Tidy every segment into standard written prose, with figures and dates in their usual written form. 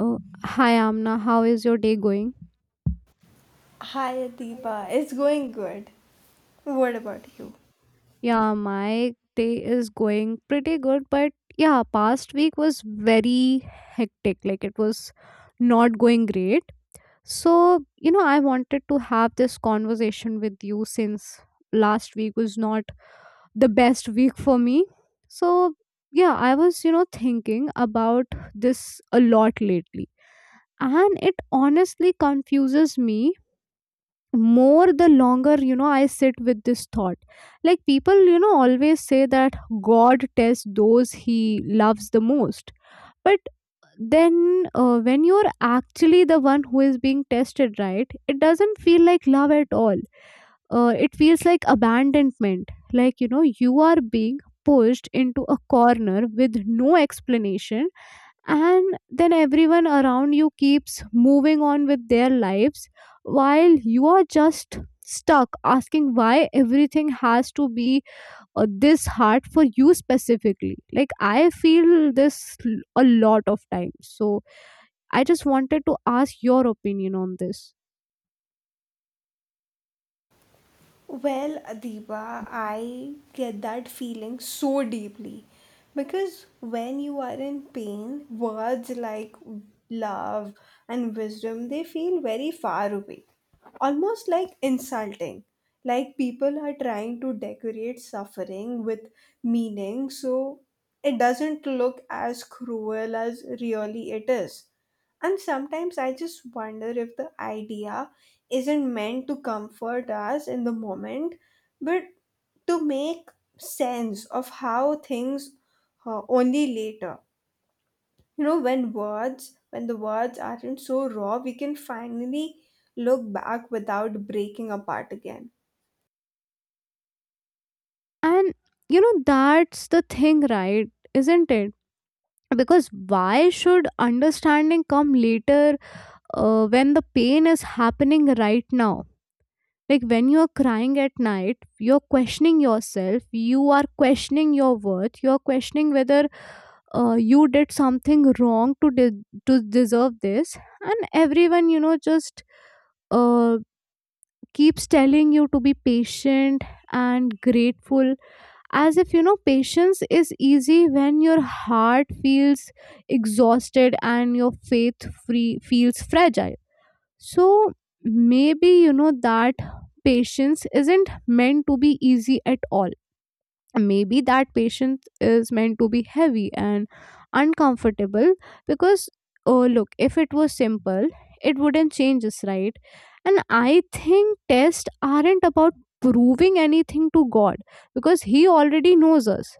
Oh, hi Amna, how is your day going? Hi Adiba, it's going good. What about you? Yeah, my day is going pretty good, but yeah, past week was very hectic. Like it was not going great. So, you know, I wanted to have this conversation with you since last week was not the best week for me. So, yeah, I was, thinking about this a lot lately. And it honestly confuses me more the longer I sit with this thought. Like, people, always say that god tests those he loves the most, but then when you're actually the one who is being tested, right, it doesn't feel like love at all. It feels like abandonment, like, you know, you are being pushed into a corner with no explanation, and then everyone around you keeps moving on with their lives while you are just stuck asking why everything has to be this hard for you specifically. Like, I feel this a lot of times. So I just wanted to ask your opinion on this. Well, Adiba, I get that feeling so deeply because when you are in pain, words like love and wisdom they feel very far away, almost like insulting. Like people are trying to decorate suffering with meaning so it doesn't look as cruel as really it is. And sometimes I just wonder if the idea isn't meant to comfort us in the moment, but to make sense of how things only later. You know, when the words aren't so raw, we can finally look back without breaking apart again. And, you know, that's the thing, right? Isn't it? Because why should understanding come later when the pain is happening right now? Like, when you're crying at night, you're questioning yourself, you are questioning your worth, you're questioning whether you did something wrong to deserve this. And everyone, you know, just uh, keeps telling you to be patient and grateful, as if, you know, patience is easy when your heart feels exhausted and your faith free feels fragile. So maybe, you know, that patience isn't meant to be easy at all. Maybe that patience is meant to be heavy and uncomfortable, because oh look, if it was simple, it wouldn't change us, right? And I think tests aren't about proving anything to God, because He already knows us,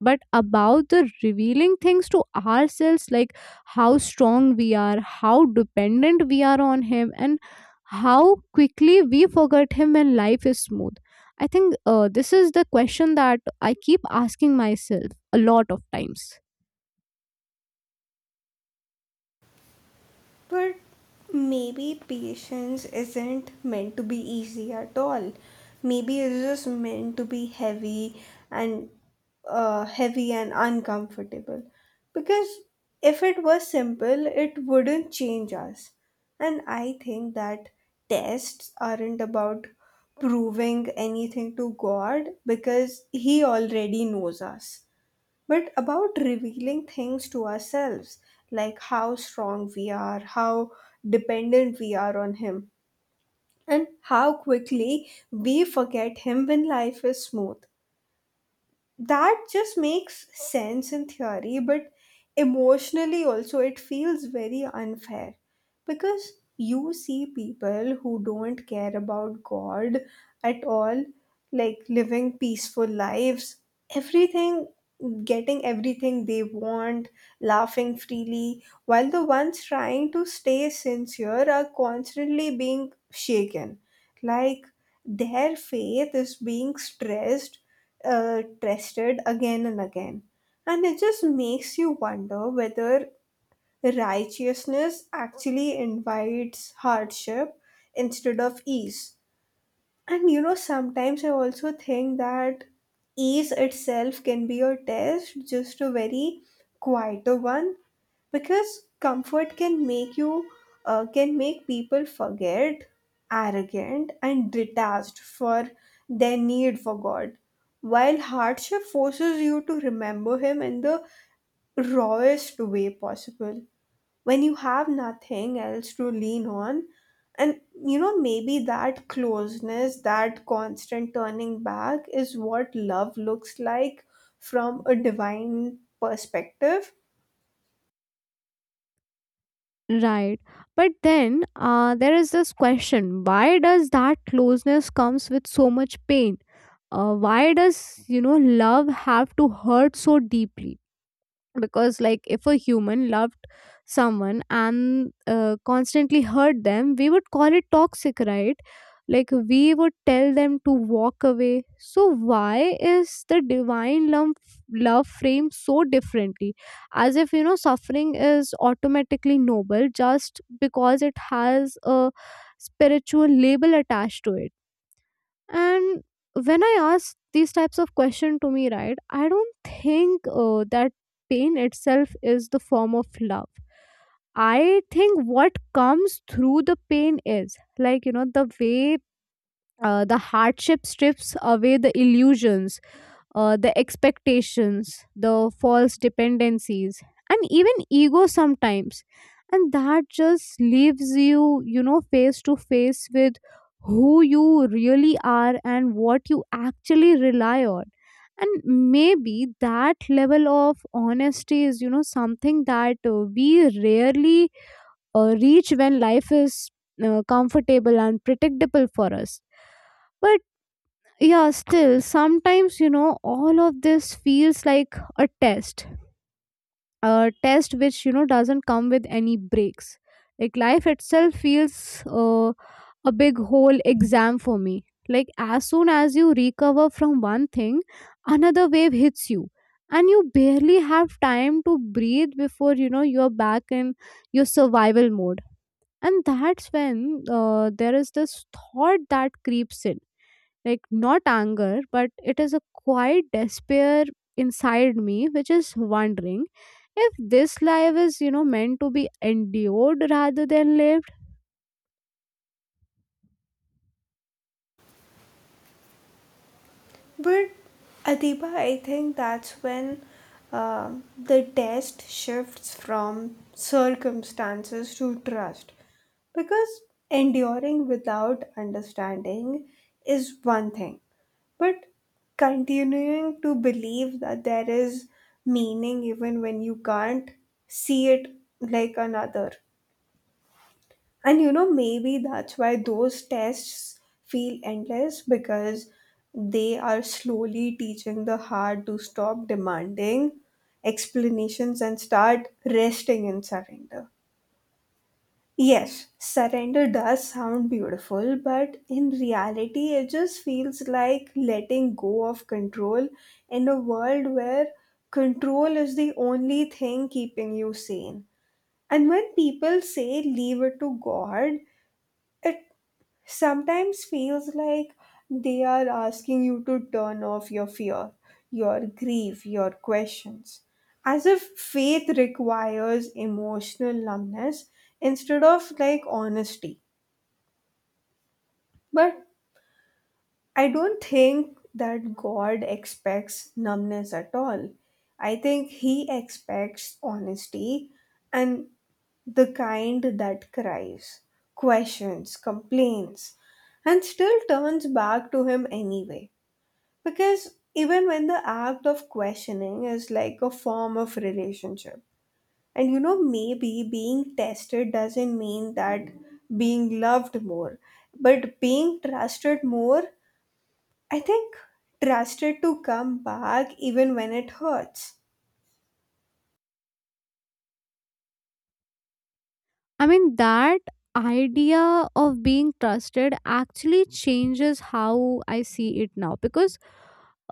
but about the revealing things to ourselves, like how strong we are, how dependent we are on him, and how quickly we forget him when life is smooth. I think this is the question that I keep asking myself a lot of times. But maybe patience isn't meant to be easy at all. Maybe it's just meant to be heavy and heavy and uncomfortable. Because if it was simple, it wouldn't change us. And I think that tests aren't about proving anything to God because He already knows us but about revealing things to ourselves, like how strong we are, how dependent we are on Him, and how quickly we forget Him when life is smooth. That just makes sense in theory, but emotionally also it feels very unfair because you see people who don't care about God at all, like living peaceful lives, everything, getting everything they want, laughing freely, while the ones trying to stay sincere are constantly being shaken. Like, their faith is being stressed, tested again and again. And it just makes you wonder whether righteousness actually invites hardship instead of ease. And you know, sometimes I also think that ease itself can be a test, just a very quieter one because comfort can make people forget arrogant and detached for their need for god, while hardship forces you to remember him in the rawest way possible when you have nothing else to lean on. And you know, maybe that closeness, that constant turning back is what love looks like from a divine perspective. Right. But then there is this question, why does that closeness comes with so much pain? Why does, you know, love have to hurt so deeply? Because, like, if a human loved someone and constantly hurt them, we would call it toxic, right? Like, we would tell them to walk away. So why is the divine love frame so differently, as if, you know, suffering is automatically noble just because it has a spiritual label attached to it? And when I ask these types of question to me, right, I don't think that pain itself is the form of love. I think what comes through the pain is, like, you know, the way the hardship strips away the illusions, the expectations, the false dependencies, and even ego sometimes. And that just leaves you, you know, face to face with who you really are and what you actually rely on. And maybe that level of honesty is, you know, something that we rarely reach when life is comfortable and predictable for us. But yeah, still, sometimes, you know, all of this feels like a test, a test which, you know, doesn't come with any breaks. Like life itself feels a big whole exam for me. Like as soon as you recover from one thing, another wave hits you, and you barely have time to breathe before, you know, you're back in your survival mode. And that's when there is this thought that creeps in, like not anger, but it is a quiet despair inside me, which is wondering if this life is, you know, meant to be endured rather than lived. But Adiba, I think that's when um the test shifts from circumstances to trust. Because enduring without understanding is one thing, but continuing to believe that there is meaning even when you can't see it, like another. And you know, maybe that's why those tests feel endless because they are slowly teaching the heart to stop demanding explanations and start resting in surrender. Yes, surrender does sound beautiful, but in reality, it just feels like letting go of control in a world where control is the only thing keeping you sane. And when people say leave it to God, it sometimes feels like they are asking you to turn off your fear, your grief, your questions, as if faith requires emotional numbness instead of like honesty. But I don't think that God expects numbness at all. I think He expects honesty, and the kind that cries, questions, complains, and still turns back to Him anyway. Because even when the act of questioning is like a form of relationship, and you know, maybe being tested doesn't mean that being loved more, but being trusted more. I think trusted to come back even when it hurts. I mean, that idea of being trusted actually changes how I see it now, because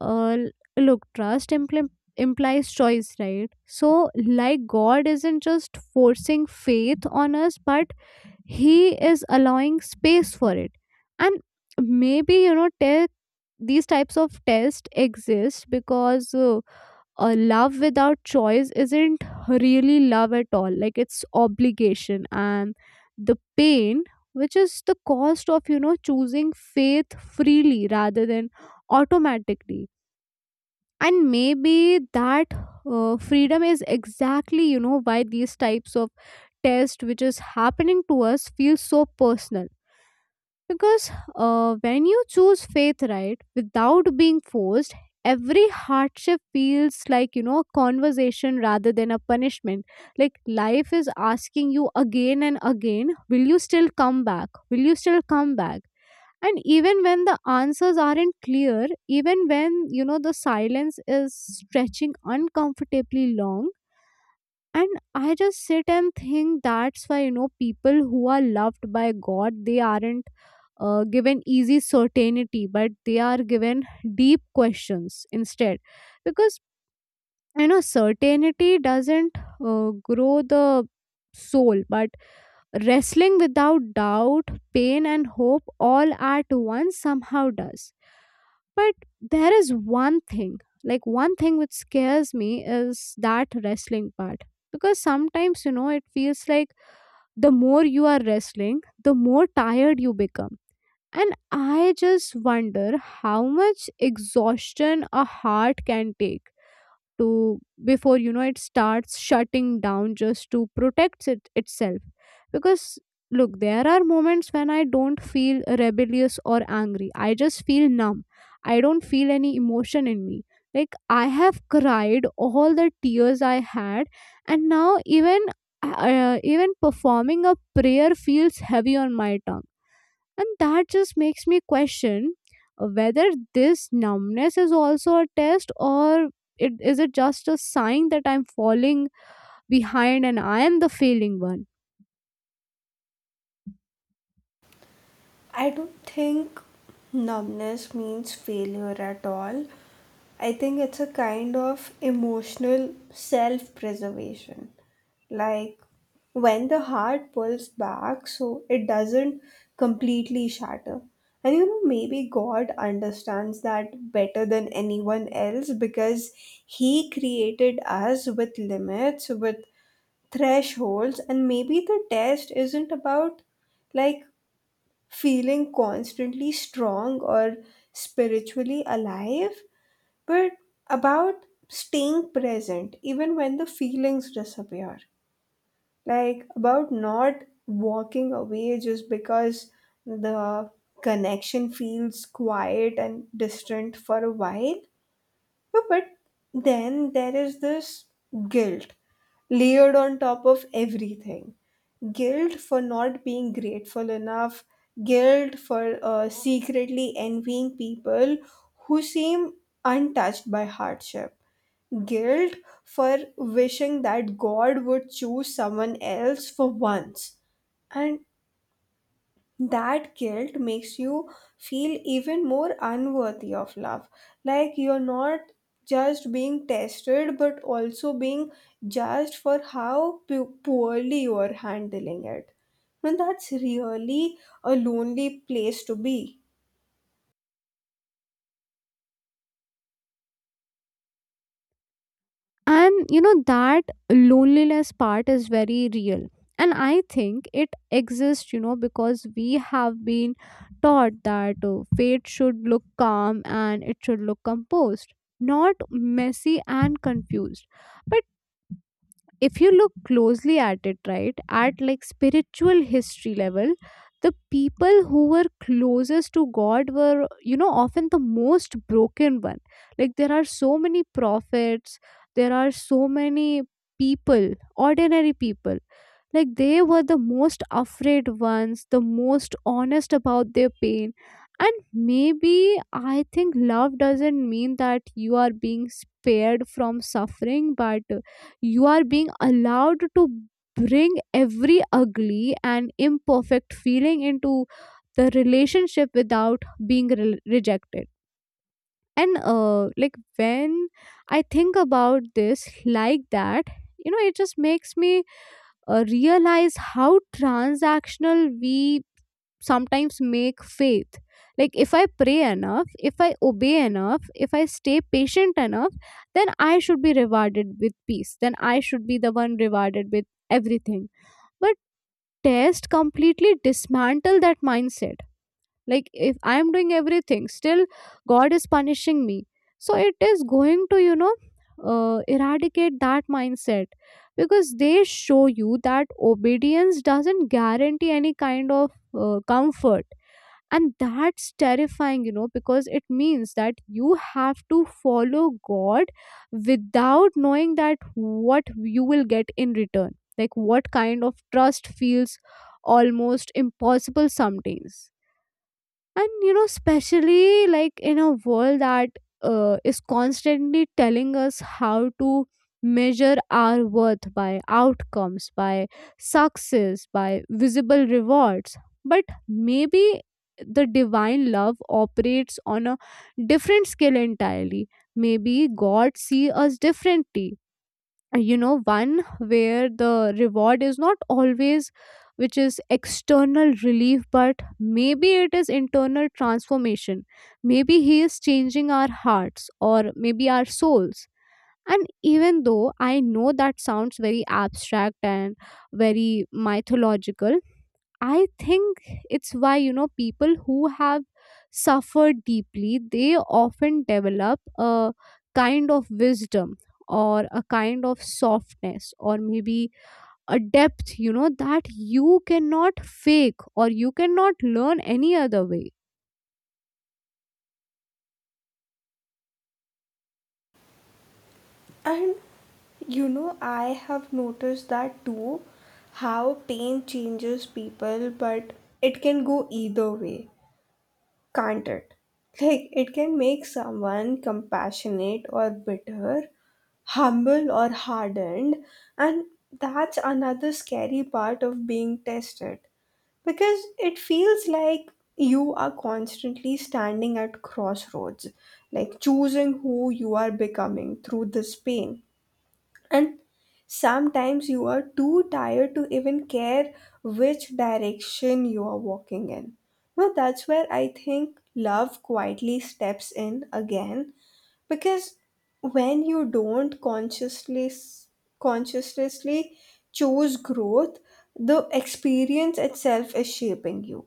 uh, l- look, implies choice, right? So, like, god isn't just forcing faith on us, but he is allowing space for it. And maybe, you know, these types of tests exist because a love without choice isn't really love at all. Like, it's obligation, and the pain, which is the cost of, you know, choosing faith freely rather than automatically. And maybe that freedom is exactly, you know, why these types of test which is happening to us feels so personal. Because when you choose faith, right, without being forced, every hardship feels like, you know, a conversation rather than a punishment. Like life is asking you again and again, will you still come back, will you still come back? And even when the answers aren't clear, even when, you know, the silence is stretching uncomfortably long. And I just sit and think, that's why, you know, people who are loved by god, they aren't given easy certainty, but they are given deep questions instead. Because I know certainty doesn't grow the soul, but wrestling without doubt, pain, and hope all at once somehow does. But there is one thing, like one thing which scares me is that wrestling part. Because sometimes, you know, it feels like the more you are wrestling, the more tired you become. And I just wonder how much exhaustion a heart can take to before, you know, it starts shutting down just to protect it itself. Because look, there are moments when I don't feel rebellious or angry, I just feel numb. I don't feel any emotion in me. Like, I have cried all the tears I had, and now even even performing a prayer feels heavy on my tongue. And that just makes me question whether this numbness is also a test, or it, is it just a sign that I'm falling behind and I am the failing one? I don't think numbness means failure at all. I think it's a kind of emotional self preservation. Like when the heart pulls back, so it doesn't completely shatter. And you know, maybe God understands that better than anyone else because He created us with limits, with thresholds, and maybe the test isn't about like feeling constantly strong or spiritually alive, but about staying present even when the feelings disappear. Like about not walking away just because the connection feels quiet and distant for a while. But then there is this guilt layered on top of everything. Guilt for not being grateful enough, guilt for secretly envying people who seem untouched by hardship, guilt for wishing that God would choose someone else for once. And that guilt makes you feel even more unworthy of love, like you're not just being tested but also being judged for how poorly you are handling it, and that's really a lonely place to be. And, you know, that loneliness part is very real. And I think it exists, you know, because we have been taught that fate should look calm and it should look composed, not messy and confused. If you look closely at it, right, at like spiritual history level, the people who were closest to god were, you know, often the most broken one. Like there are so many prophets, there are so many people, ordinary people, like they were the most afraid ones, the most honest about their pain. And maybe, I think, love doesn't mean that you are being spared from suffering, but you are being allowed to bring every ugly and imperfect feeling into the relationship without being rejected. And like, when I think about this like that, you know, it just makes me realize how transactional we sometimes make faith. Like, if I pray enough, if I obey enough, if I stay patient enough, then I should be rewarded with peace, then I should be the one rewarded with everything. But test completely dismantle that mindset. Like, if I am doing everything, still god is punishing me. So it is going to, you know, eradicate that mindset, because they show you that obedience doesn't guarantee any kind of comfort. And that's terrifying, you know, because it means that you have to follow god without knowing that what you will get in return. Like what kind of trust feels almost impossible some days. And, you know, especially like in a world that is constantly telling us how to measure our worth by outcomes, by success, by visible rewards. But maybe the divine love operates on a different scale entirely. Maybe god see us differently, you know, one where the reward is not always, which is external relief, but maybe it is internal transformation. Maybe he is changing our hearts or maybe our souls. And even though I know that sounds very abstract and very mythological, I think it's why, you know, people who have suffered deeply, they often develop a kind of wisdom, or a kind of softness, or maybe a depth, you know, that you cannot fake or you cannot learn any other way. And you know, I have noticed that too, how pain changes people, but it can go either way, can't it? Like, it can make someone compassionate or bitter, humble or hardened, and that's another scary part of being tested, because it feels like you are constantly standing at crossroads, like choosing who you are becoming through this pain. And sometimes you are too tired to even care which direction you are walking in. Now that's where I think love quietly steps in again. Because when you don't consciously choose growth, the experience itself is shaping you,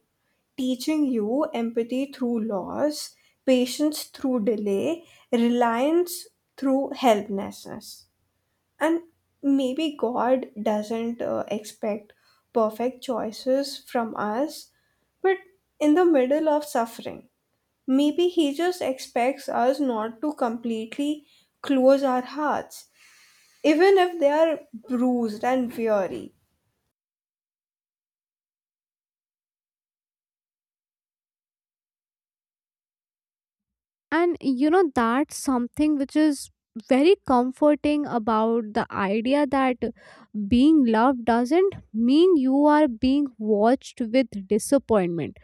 teaching you empathy through loss, patience through delay, reliance through helplessness. And maybe God doesn't expect perfect choices from us, but in the middle of suffering, maybe He just expects us not to completely close our hearts, even if they are bruised and weary. And, you know, that's something which is very comforting about the idea that being loved doesn't mean you are being watched with disappointment,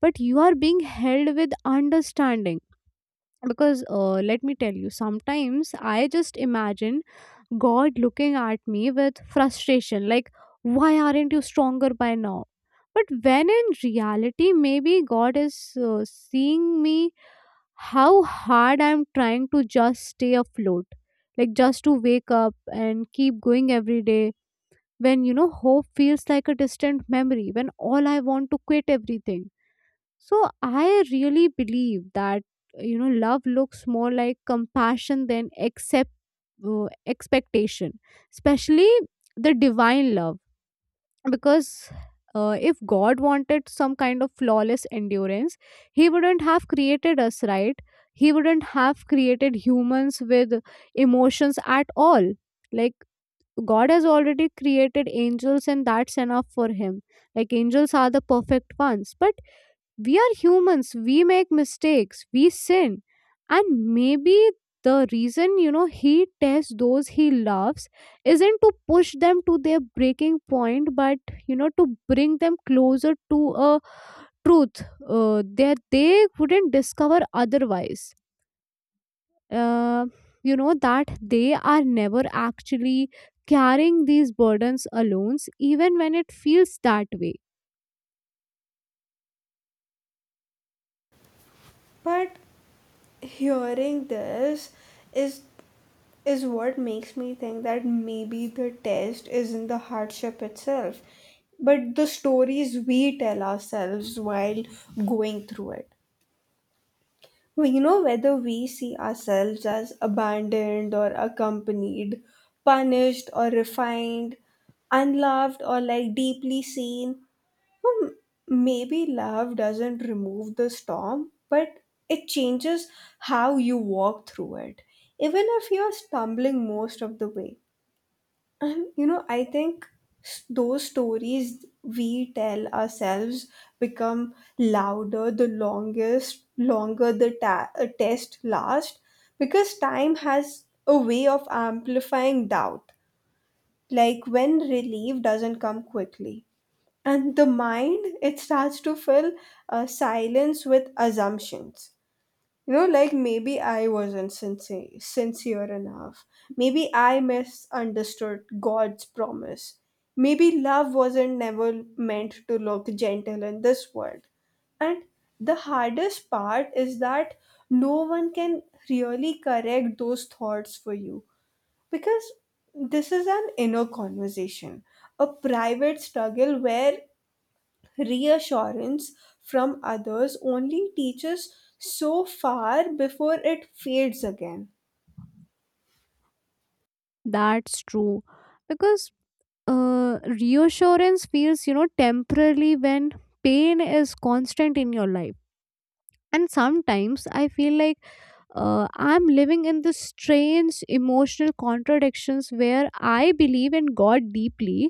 but you are being held with understanding. Because let me tell you, sometimes I just imagine god looking at me with frustration, like why aren't you stronger by now? But when in reality, maybe god is seeing me how hard I'm trying to just stay afloat, like just to wake up and keep going every day when, you know, hope feels like a distant memory, when all I want to quit everything. So I really believe that, you know, love looks more like compassion than accept expectation, especially the divine love, because. If God wanted some kind of flawless endurance, He wouldn't have created us, right? He wouldn't have created humans with emotions at all. Like, God has already created angels, and that's enough for Him. Like, angels are the perfect ones. But we are humans, we make mistakes, we sin. And maybe the reason, you know, he tests those he loves isn't to push them to their breaking point, but, you know, to bring them closer to a truth, that they wouldn't discover otherwise. Uh, you know, that they are never actually carrying these burdens alone, even when it feels that way. But hearing this is is what makes me think that maybe the test isn't the hardship itself, but the stories we tell ourselves while going through it. Well, you know, whether we see ourselves as abandoned or accompanied, punished or refined, unloved or like deeply seen, hmm, maybe love doesn't remove the storm, but it changes how you walk through it, even if you're stumbling most of the way. And you know, I think those stories we tell ourselves become louder the longer the test lasts, because time has a way of amplifying doubt, like when relief doesn't come quickly. And the mind, it starts to fill silence with assumptions, you know, like maybe I wasn't sincere enough, maybe I misunderstood god's promise, maybe love wasn't never meant to look gentle in this world. And the hardest part is that no one can really correct those thoughts for you, because this is an inner conversation, a private struggle where reassurance from others only teaches so far before it fades again. That's true. Because reassurance feels, you know, temporarily when pain is constant in your life, and sometimes I feel like, I'm living in this strange emotional contradictions where I believe in god deeply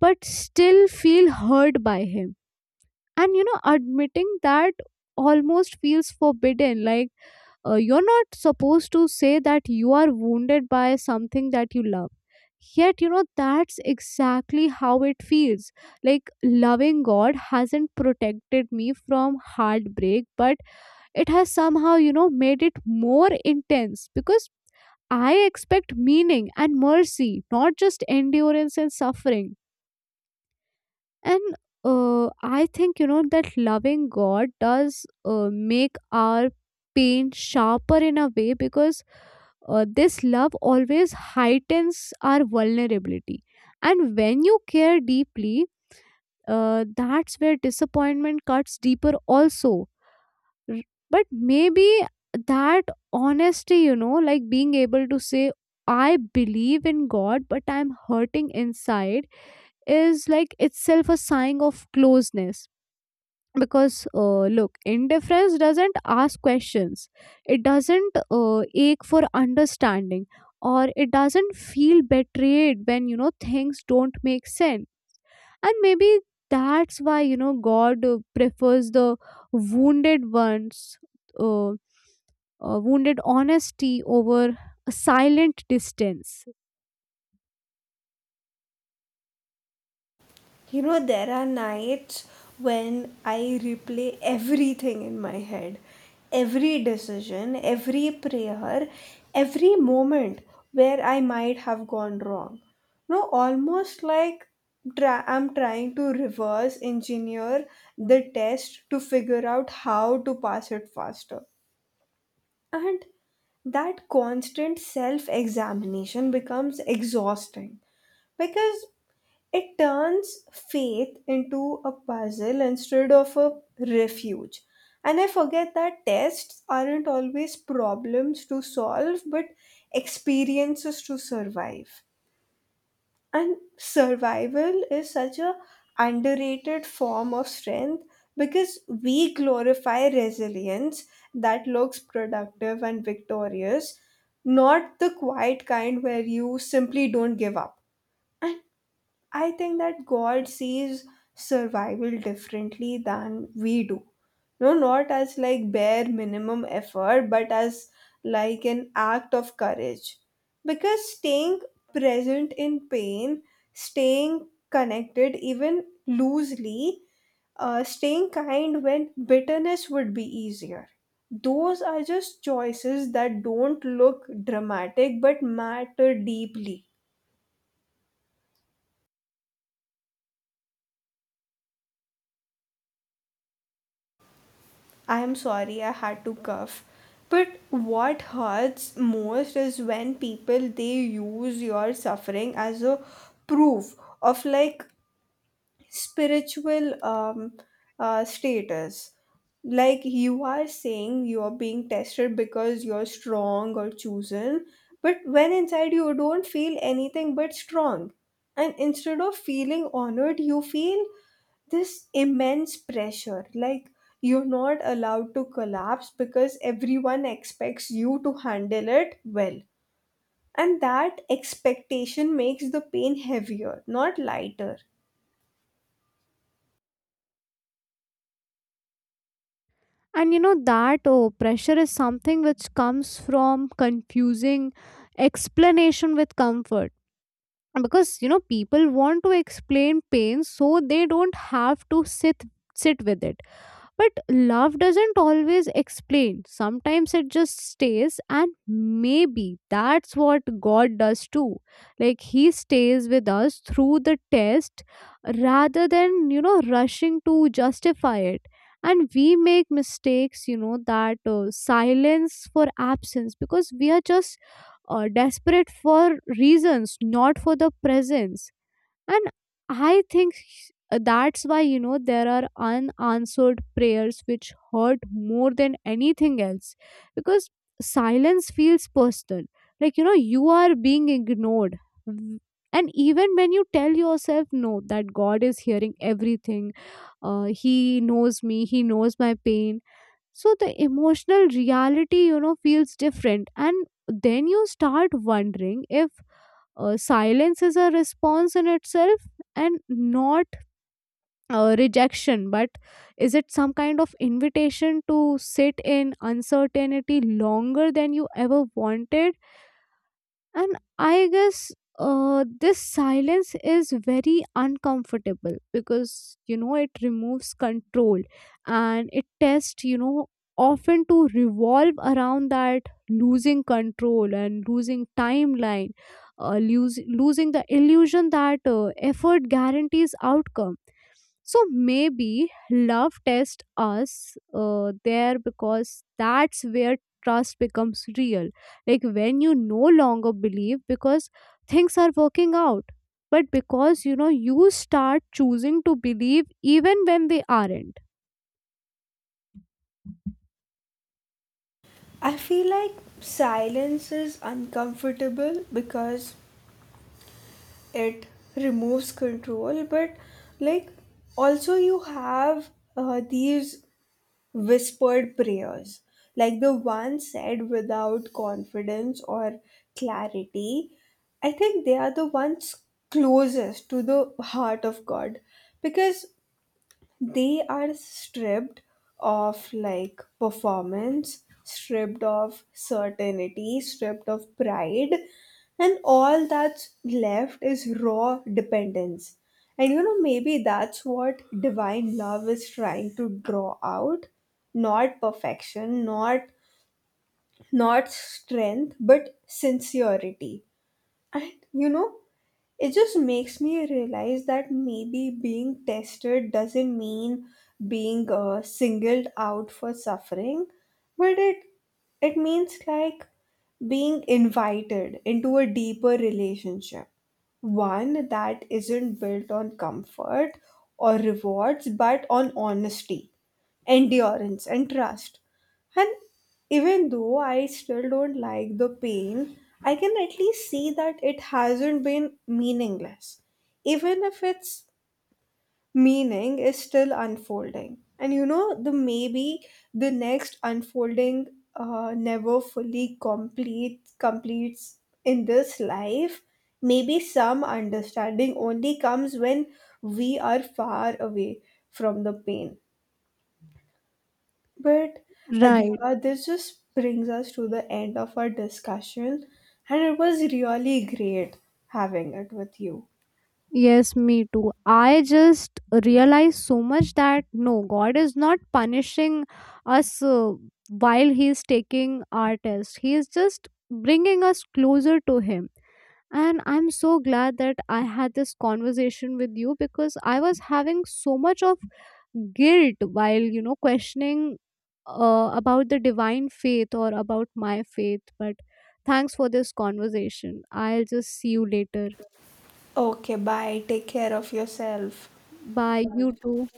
but still feel hurt by him. And you know, admitting that almost feels forbidden, like, you're not supposed to say that you are wounded by something that you love. Yet, you know, that's exactly how it feels. Like, loving God hasn't protected me from heartbreak, but it has somehow, you know, made it more intense, because I expect meaning and mercy, not just endurance and suffering. And I think, you know, that loving god does make our pain sharper in a way, because this love always heightens our vulnerability. And when you care deeply, that's where disappointment cuts deeper also. R- but maybe that honesty, you know, like being able to say I believe in god but I'm hurting inside, is like itself a sign of closeness, because look, indifference doesn't ask questions, it doesn't ache for understanding, or it doesn't feel betrayed when, you know, things don't make sense. And maybe that's why, you know, god prefers the wounded ones, wounded honesty over a silent distance. You know, there are nights when I replay everything in my head, every decision, every prayer, every moment where I might have gone wrong. You know, almost like I'm trying to reverse engineer the test to figure out how to pass it faster. And that constant self examination becomes exhausting because it turns faith into a puzzle instead of a refuge. And I forget that tests aren't always problems to solve but experiences to survive. And survival is such a underrated form of strength because we glorify resilience that looks productive and victorious, not the quiet kind where you simply don't give up. And I think that God sees survival differently than we do. No, not as like bare minimum effort, but as like an act of courage. Because staying present in pain, staying connected even loosely, staying kind when bitterness would be easier. Those are just choices that don't look dramatic but matter deeply. I'm sorry I had to cough. But what hurts most is when people they use your suffering as a proof of like spiritual status. Like you are saying you are being tested because you're strong or chosen, but when inside you don't feel anything but strong. And instead of feeling honored, you feel this immense pressure, like you're not allowed to collapse because everyone expects you to handle it well, and that expectation makes the pain heavier, not lighter. And you know that oh, pressure is something which comes from confusing explanation with comfort. Because, you know, people want to explain pain so they don't have to sit with it, but love doesn't always explain. Sometimes it just stays, and maybe that's what God does too. Like, He stays with us through the test rather than, you know, rushing to justify it. And we make mistakes, you know, that silence for absence, because we are just desperate for reasons, not for the presence. And I think that's why, you know, there are unanswered prayers which hurt more than anything else, because silence feels personal, like, you know, you are being ignored. Mm, and even when you tell yourself no, that god is hearing everything, he knows me, he knows my pain, so the emotional reality, you know, feels different. And then you start wondering if silence is a response in itself, and not rejection, but is it some kind of invitation to sit in uncertainty longer than you ever wanted. And I guess this silence is very uncomfortable because, you know, it removes control. And it tests, you know, often to revolve around that, losing control and losing timeline, losing the illusion that effort guarantees outcome. So maybe love tests us there, because that's where trust becomes real, like when you no longer believe because things are working out, but because, you know, you start choosing to believe even when they aren't. I feel like silence is uncomfortable because it removes control, but like also you have these whispered prayers, like the ones said without confidence or clarity. I think they are the ones closest to the heart of God because they are stripped of like performance, stripped of certainty, stripped of pride, and all that's left is raw dependence. And you know, maybe that's what divine love is trying to draw out, not perfection, not strength, but sincerity. And you know, it just makes me realize that maybe being tested doesn't mean being singled out for suffering, but it means like being invited into a deeper relationship, one that isn't built on comfort or rewards but on honesty, endurance and trust. And even though I still don't like the pain, I can at least see that it hasn't been meaningless. Even if its meaning is still unfolding. And you know, the maybe the next unfolding never fully complete completes in this life. Maybe some understanding only comes when we are far away from the pain, but Right. Adiba, this just brings us to the end of our discussion, and it was really great having it with you. Yes, me too. I just realized so much that no, God is not punishing us, while He is taking our test. He is just bringing us closer to Him. And I'm so glad that I had this conversation with you, because I was having so much of guilt while, you know, questioning about the divine faith or about my faith. But thanks for this conversation. I'll just see you later. Okay, bye. Take care of yourself. Bye. You too.